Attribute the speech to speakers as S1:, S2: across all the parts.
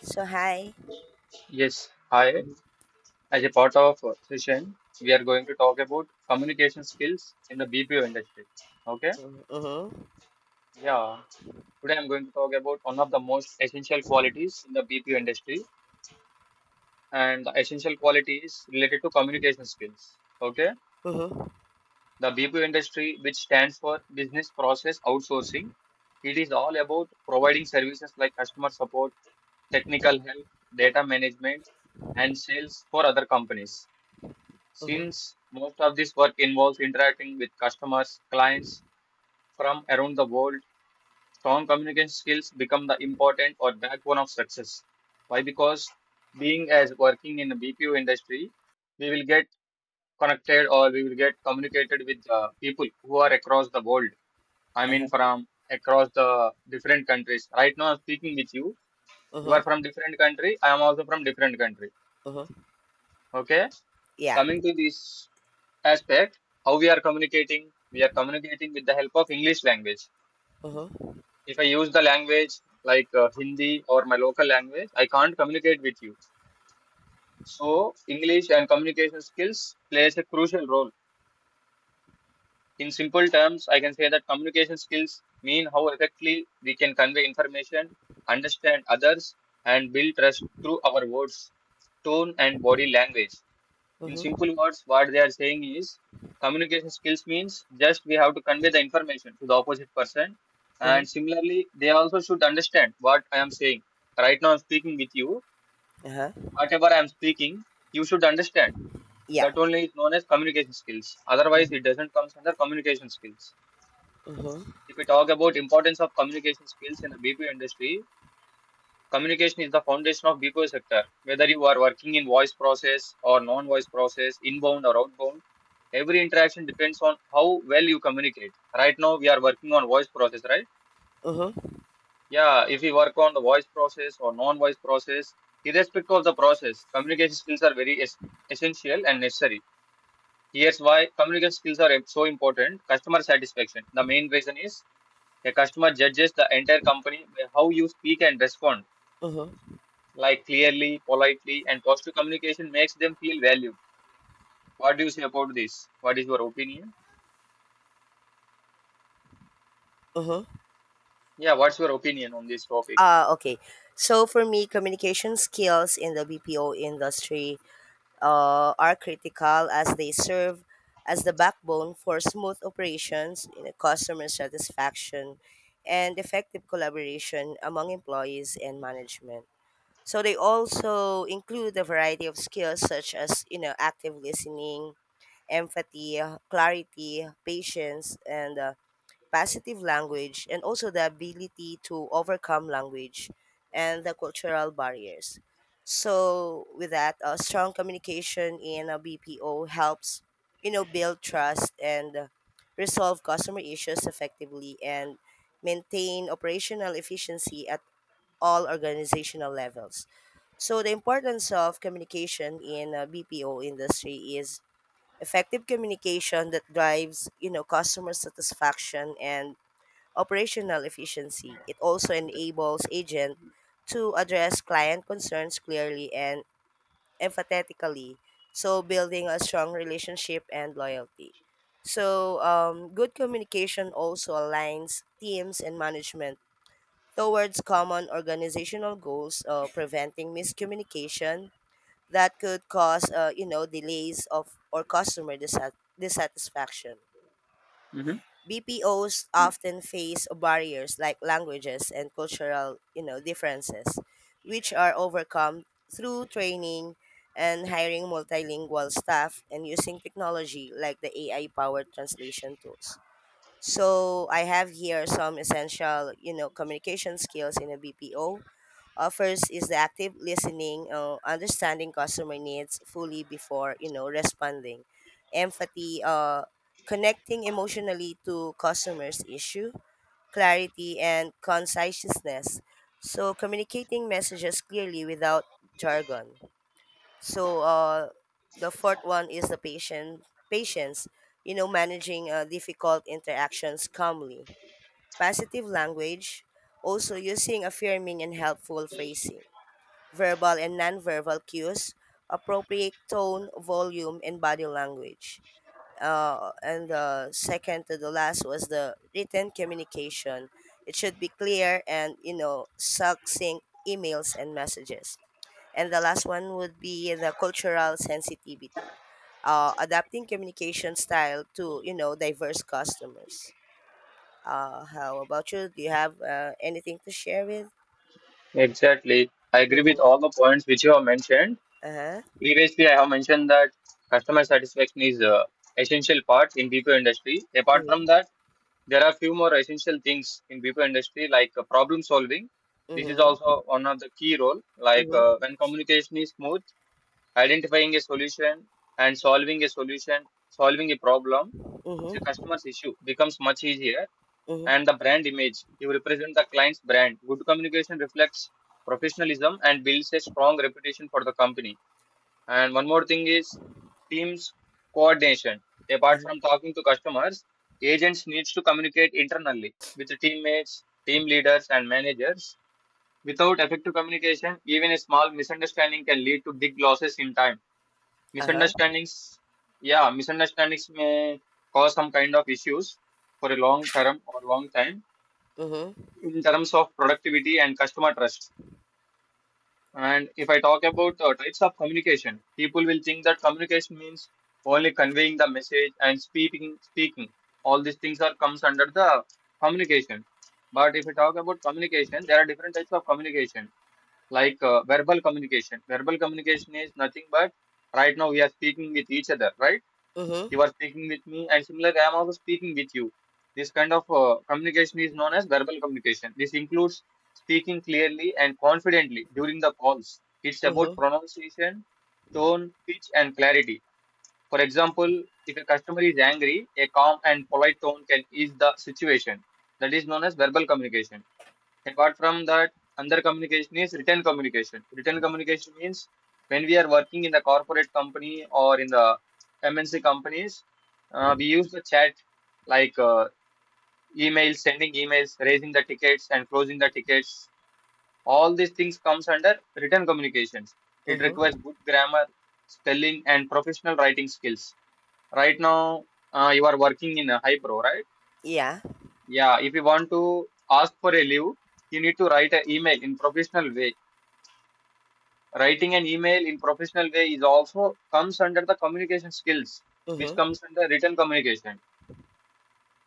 S1: So hi.
S2: Yes, hi.
S1: Uh-huh.
S2: As a part of session, we are going to talk about communication skills in the BPO industry. Okay?
S1: Uh-huh.
S2: Yeah. Today I'm going to talk about one of the most essential qualities in the BPO industry, and the essential quality is related to communication skills. Okay?
S1: Uh-huh.
S2: The BPO industry, which stands for Business Process Outsourcing, it is all about providing services like customer support, technical help, data management, and sales for other companies.
S1: Uh-huh.
S2: Since most of this work involves interacting with customers, clients from around the world, strong communication skills become the important or backbone of success. Why? Because being as working in the BPO industry, we will get connected, or we will get communicated with people who are across the world. I mean,
S1: Uh-huh.
S2: from across the different countries. Right now, I'm speaking with you. You
S1: Uh-huh.
S2: are from different country. I am also from different country.
S1: Uh-huh.
S2: Okay.
S1: Yeah.
S2: Coming to this aspect, how we are communicating, we are communicating with the help of English language.
S1: Uh-huh.
S2: If I use the language like Hindi or my local language, I can't communicate with you. So English and communication skills plays a crucial role. In simple terms, I can say that communication skills mean how effectively we can convey information, understand others, and build trust through our words, tone, and body language. In
S1: Uh-huh.
S2: simple words, what they are saying is communication skills means just we have to convey the information to the opposite person.
S1: Uh-huh.
S2: And similarly, they also should understand what I am saying. Right now, I'm speaking with you.
S1: Uh-huh.
S2: Whatever I'm speaking, you should understand.
S1: Yeah.
S2: That only is known as communication skills. Otherwise,
S1: Mhm.
S2: it doesn't come under communication skills.
S1: Uh-huh.
S2: If we talk about importance of communication skills in the BPO industry, communication is the foundation of BPO sector. Whether you are working in voice process or non-voice process, inbound or outbound, every interaction depends on how well you communicate. Right now, we are working on voice process, right?
S1: Uh-huh.
S2: Yeah, if we work on the voice process or non-voice process, irrespective of the process, communication skills are very essential and necessary. Here's why communication skills are so important. Customer satisfaction. The main reason is a customer judges the entire company by how you speak and respond,
S1: Uh-huh.
S2: like clearly, politely, and positive communication makes them feel valued. What do you say about this? What is your opinion?
S1: Uh-huh.
S2: Yeah, what's your opinion on this topic?
S1: Okay. So for me, communication skills in the BPO industry are critical as they serve as the backbone for smooth operations, you know, customer satisfaction, and effective collaboration among employees and management. So they also include a variety of skills such as you know active listening, empathy, clarity, patience, and positive language, and also the ability to overcome language and the cultural barriers. So with that, strong communication in a BPO helps you know build trust and resolve customer issues effectively and maintain operational efficiency at all organizational levels. So the importance of communication in a BPO industry is effective communication that drives, you know, customer satisfaction and operational efficiency. It also enables agent to address client concerns clearly and empathetically, so building a strong relationship and loyalty. So good communication also aligns teams and management towards common organizational goals of preventing miscommunication that could cause you know delays of or customer dissatisfaction.
S2: Hmm.
S1: BPOs often face barriers like languages and cultural you know differences, which are overcome through training and hiring multilingual staff and using technology like the AI powered translation tools. So I have here some essential, you know, communication skills in a BPO. First is the active listening, understanding customer needs fully before you know responding, empathy, connecting emotionally to customers' issue, clarity and conciseness. So communicating messages clearly without jargon. So the fourth one is the patient patience. You know, managing difficult interactions calmly. Positive language, also using affirming and helpful phrasing. Verbal and nonverbal cues, appropriate tone, volume, and body language. And the second to the last was the written communication. It should be clear and you know succinct emails and messages and the last one would be the cultural sensitivity, adapting communication style to you know diverse customers. How about you? Do you have anything to share with?
S2: Exactly. I agree with
S1: Mm-hmm.
S2: all the points which you have mentioned.
S1: Uh huh.
S2: Previously, I have mentioned that customer satisfaction is a essential part in BPO industry. Apart from
S1: Mm-hmm.
S2: that, there are few more essential things in BPO industry like problem solving. This is also
S1: Mm-hmm.
S2: one of the key role. Like
S1: Mm-hmm.
S2: when communication is smooth, identifying a solution and solving a problem is a
S1: Mm-hmm.
S2: customer's issue becomes much easier.
S1: Mm-hmm.
S2: And the brand image, you represent the client's brand, good communication reflects professionalism and builds a strong reputation for the company. And one more thing is teams coordination. Apart from talking to customers, agents needs to communicate internally with the teammates, team leaders, and managers. Without effective communication, even a small misunderstanding can lead to big losses in time.
S1: Uh huh.
S2: Misunderstandings, yeah, misunderstandings may cause some kind of issues for a long term or long time
S1: Mm-hmm.
S2: in terms of productivity and customer trust. And if I talk about types of communication, people will think that communication means only conveying the message and speaking. All these things are comes under the communication. But if we talk about communication, there are different types of communication, like verbal communication. Verbal communication is nothing but right now we are speaking with each other, right?
S1: Mm-hmm.
S2: You are speaking with me, and similar, I am also speaking with you. This kind of communication is known as verbal communication. This includes speaking clearly and confidently during the calls. It's about
S1: Mm-hmm.
S2: pronunciation, tone, pitch, and clarity. For example, if a customer is angry, a calm and polite tone can ease the situation. That is known as verbal communication. Apart from that, another communication is written communication. Written communication means when we are working in the corporate company or in the MNC companies, we use the chat like email, sending emails, raising the tickets, and closing the tickets. All these things comes under written communications. It requires
S1: Mm-hmm.
S2: good grammar, spelling, and professional writing skills. Right now, you are working in a hypro, right?
S1: Yeah.
S2: Yeah. If you want to ask for a leave, you need to write an email in professional way. Writing an email in professional way is also comes under the communication skills, which
S1: Mm-hmm.
S2: comes under written communication.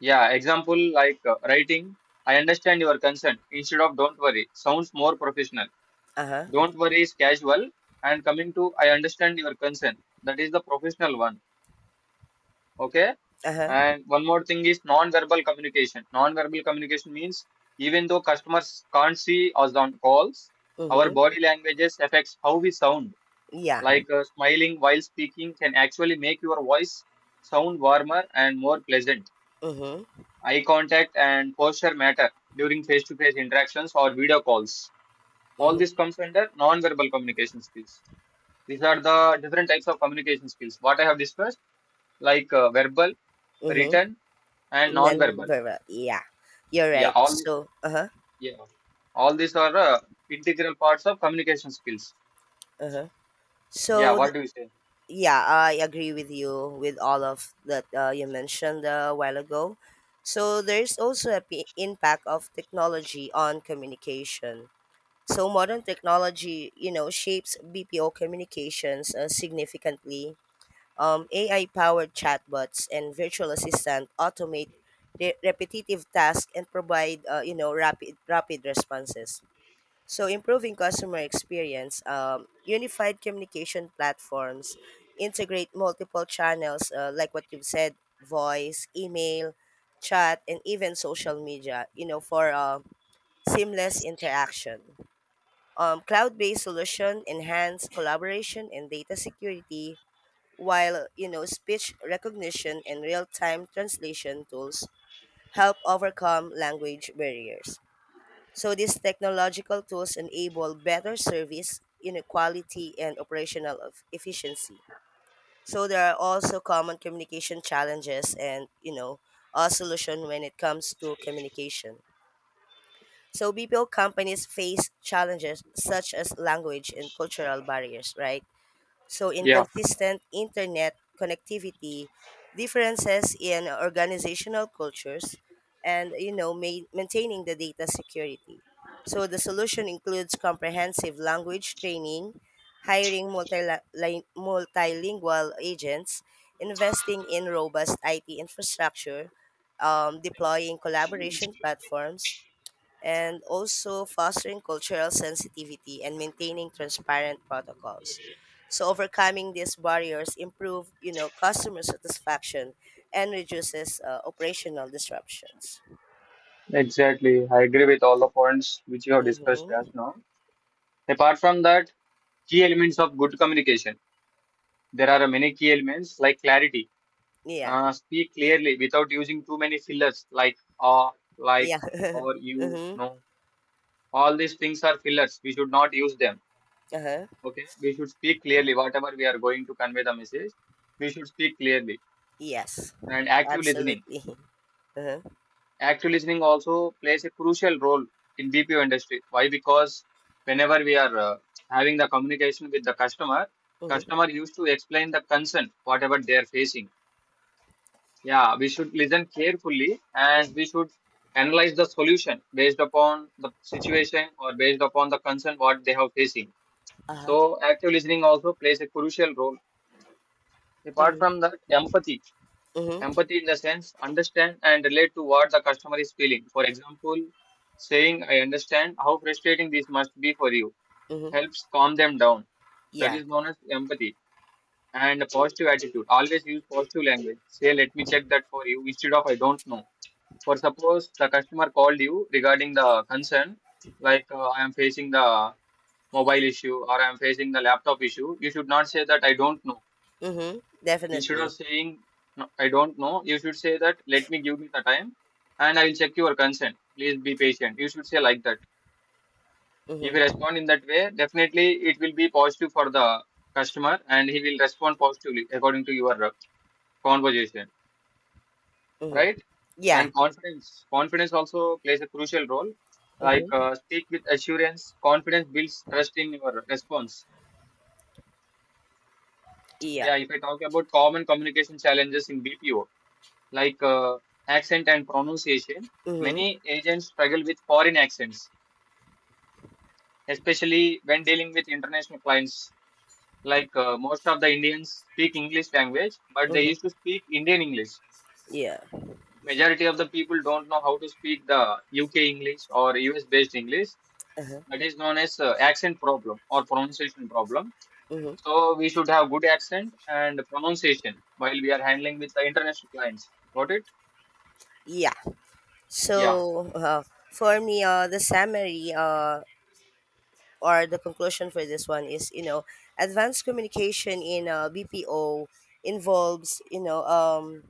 S2: Yeah, example like writing, I understand your concern instead of don't worry sounds more professional.
S1: Uh huh.
S2: Don't worry is casual, and coming to I understand your concern. That is the professional one. Okay.
S1: Uh huh.
S2: And one more thing is non-verbal communication. Non-verbal communication means even though customers can't see us on calls, our
S1: Mm-hmm.
S2: body languages affects how we sound,
S1: Yeah.
S2: like smiling while speaking can actually make your voice sound warmer and more pleasant.
S1: Mm-hmm.
S2: Eye contact and posture matter during face to face interactions or video calls. All
S1: Mm-hmm.
S2: this comes under non-verbal communication skills. These are the different types of communication skills. What I have discussed, like verbal, written,
S1: Mm-hmm.
S2: and
S1: Then
S2: non-verbal.
S1: verbal. Yeah. You're
S2: Yeah,
S1: right.
S2: all these.
S1: So. Uh huh.
S2: Yeah, all these are integral parts of communication skills.
S1: Uh huh. So
S2: Yeah, what do you say?
S1: yeah, I agree with you with all of that you mentioned a while ago. So there's also a impact of technology on communication. So modern technology, you know, shapes BPO communications significantly. AI-powered chatbots and virtual assistant automate repetitive tasks and provide, you know, rapid responses so, improving customer experience, unified communication platforms, integrate multiple channels like what you've said voice, email, chat, and even social media, you know, for seamless interaction. Cloud based solution enhance collaboration and data security, while, you know, speech recognition and real time translation tools help overcome language barriers. So these technological tools enable better service inequality and efficiency. So there are also common communication challenges and you know a solution when it comes to communication. So BPO companies face challenges such as language and cultural barriers, right? So,
S2: Yeah.
S1: inconsistent internet connectivity, differences in organizational cultures, and you know, maintaining the data security. So, the solution includes comprehensive language training, hiring multilingual agents, investing in robust IT infrastructure, deploying collaboration platforms, and also fostering cultural sensitivity and maintaining transparent protocols. So overcoming these barriers improve, you know, customer satisfaction and reduces operational disruptions.
S2: Exactly. I agree with all the points which you have discussed
S1: Mm-hmm.
S2: just now. Apart from that, key elements of good communication. There are many key elements like clarity.
S1: Yeah.
S2: Speak clearly without using too many fillers like ah, like,
S1: Yeah.
S2: or you
S1: mm-hmm.
S2: know. All these things are fillers. We should not use them.
S1: Uh-huh.
S2: Okay. We should speak clearly. Whatever we are going to convey the message, we should speak clearly.
S1: Yes.
S2: And
S1: Absolutely.
S2: active listening also plays a crucial role in BPO industry. Why? Because whenever we are having the communication with the customer,
S1: Uh-huh.
S2: customer used to explain the concern, whatever they are facing. Yeah, we should listen carefully and
S1: Mm-hmm.
S2: we should analyze the solution based upon the situation or based upon the concern what they have facing.
S1: Mm-hmm. Uh-huh.
S2: So active listening also plays a crucial role. Apart
S1: Mm-hmm.
S2: from that, empathy.
S1: Mm-hmm.
S2: Empathy in the sense understand and relate to what the customer is feeling. For example, saying I understand how frustrating this must be for you
S1: Mm-hmm.
S2: helps calm them down. That
S1: Yeah.
S2: is known as empathy. And a positive attitude. Always use positive language. Say let me check that for you instead of I don't know. For suppose the customer called you regarding the concern like I am facing the mobile issue or I am facing the laptop issue, you should not say that I don't know.
S1: Mm-hmm.
S2: Instead of
S1: Definitely.
S2: saying, "No, I don't know," you should say that, let me give me the time and I will check your consent. Please be patient. You should say like that. If you
S1: Mm-hmm.
S2: respond in that way, definitely it will be positive for the customer and he will respond positively according to your conversation,
S1: Mm-hmm.
S2: right?
S1: Yeah.
S2: And confidence. Confidence also plays a crucial role. Like
S1: Mm-hmm.
S2: speak with assurance. Confidence builds trust in your response.
S1: Yeah.
S2: Yeah, if I talk about common communication challenges in BPO, like accent and pronunciation,
S1: Mm-hmm.
S2: many agents struggle with foreign accents, especially when dealing with international clients. Like most of the Indians speak English language, but they
S1: Mm-hmm.
S2: used to speak Indian English.
S1: Yeah.
S2: Majority of the people don't know how to speak the UK English or US based English.
S1: Uh-huh.
S2: That is known as accent problem or pronunciation problem.
S1: Hmm.
S2: So we should have good accent and pronunciation while we are handling with the international clients. Got it?
S1: Yeah.
S2: Yeah.
S1: So for me, the summary or the conclusion for this one is, you know, advanced communication in BPO involves, you know,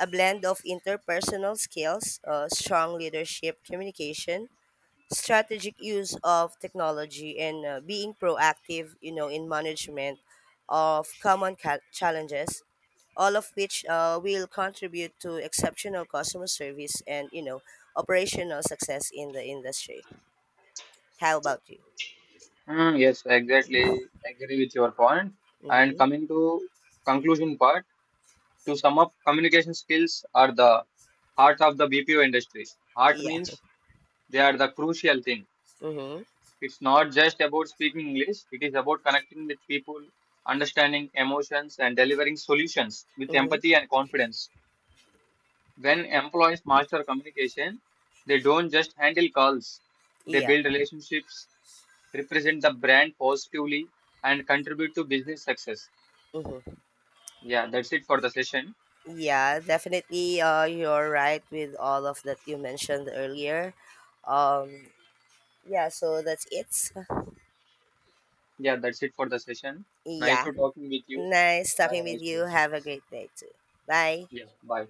S1: a blend of interpersonal skills, strong leadership communication, strategic use of technology and being proactive you know in management of common challenges, all of which will contribute to exceptional customer service and you know operational success in the industry. How about you?
S2: Hmm. Yes, exactly. Agree with your point. And
S1: Mm-hmm.
S2: coming to conclusion part, to sum up, communication skills are the heart of the BPO industry. Heart
S1: Yeah.
S2: means they are the crucial thing.
S1: Mm-hmm.
S2: It's not just about speaking English, it is about connecting with people, understanding emotions, and delivering solutions with
S1: Mm-hmm.
S2: empathy and confidence. When employees master communication, they don't just handle calls, they
S1: Yeah.
S2: build relationships, represent the brand positively, and contribute to business success.
S1: Mm-hmm.
S2: Yeah, that's it for the session.
S1: Yeah, definitely, you're right with all of that you mentioned earlier. um yeah, so that's it.
S2: Yeah, that's it for the session. Nice
S1: Yeah.
S2: to talking with you.
S1: Nice
S2: Have
S1: talking
S2: a nice
S1: with you.
S2: day.
S1: Have a great day too. Bye.
S2: Yeah, bye.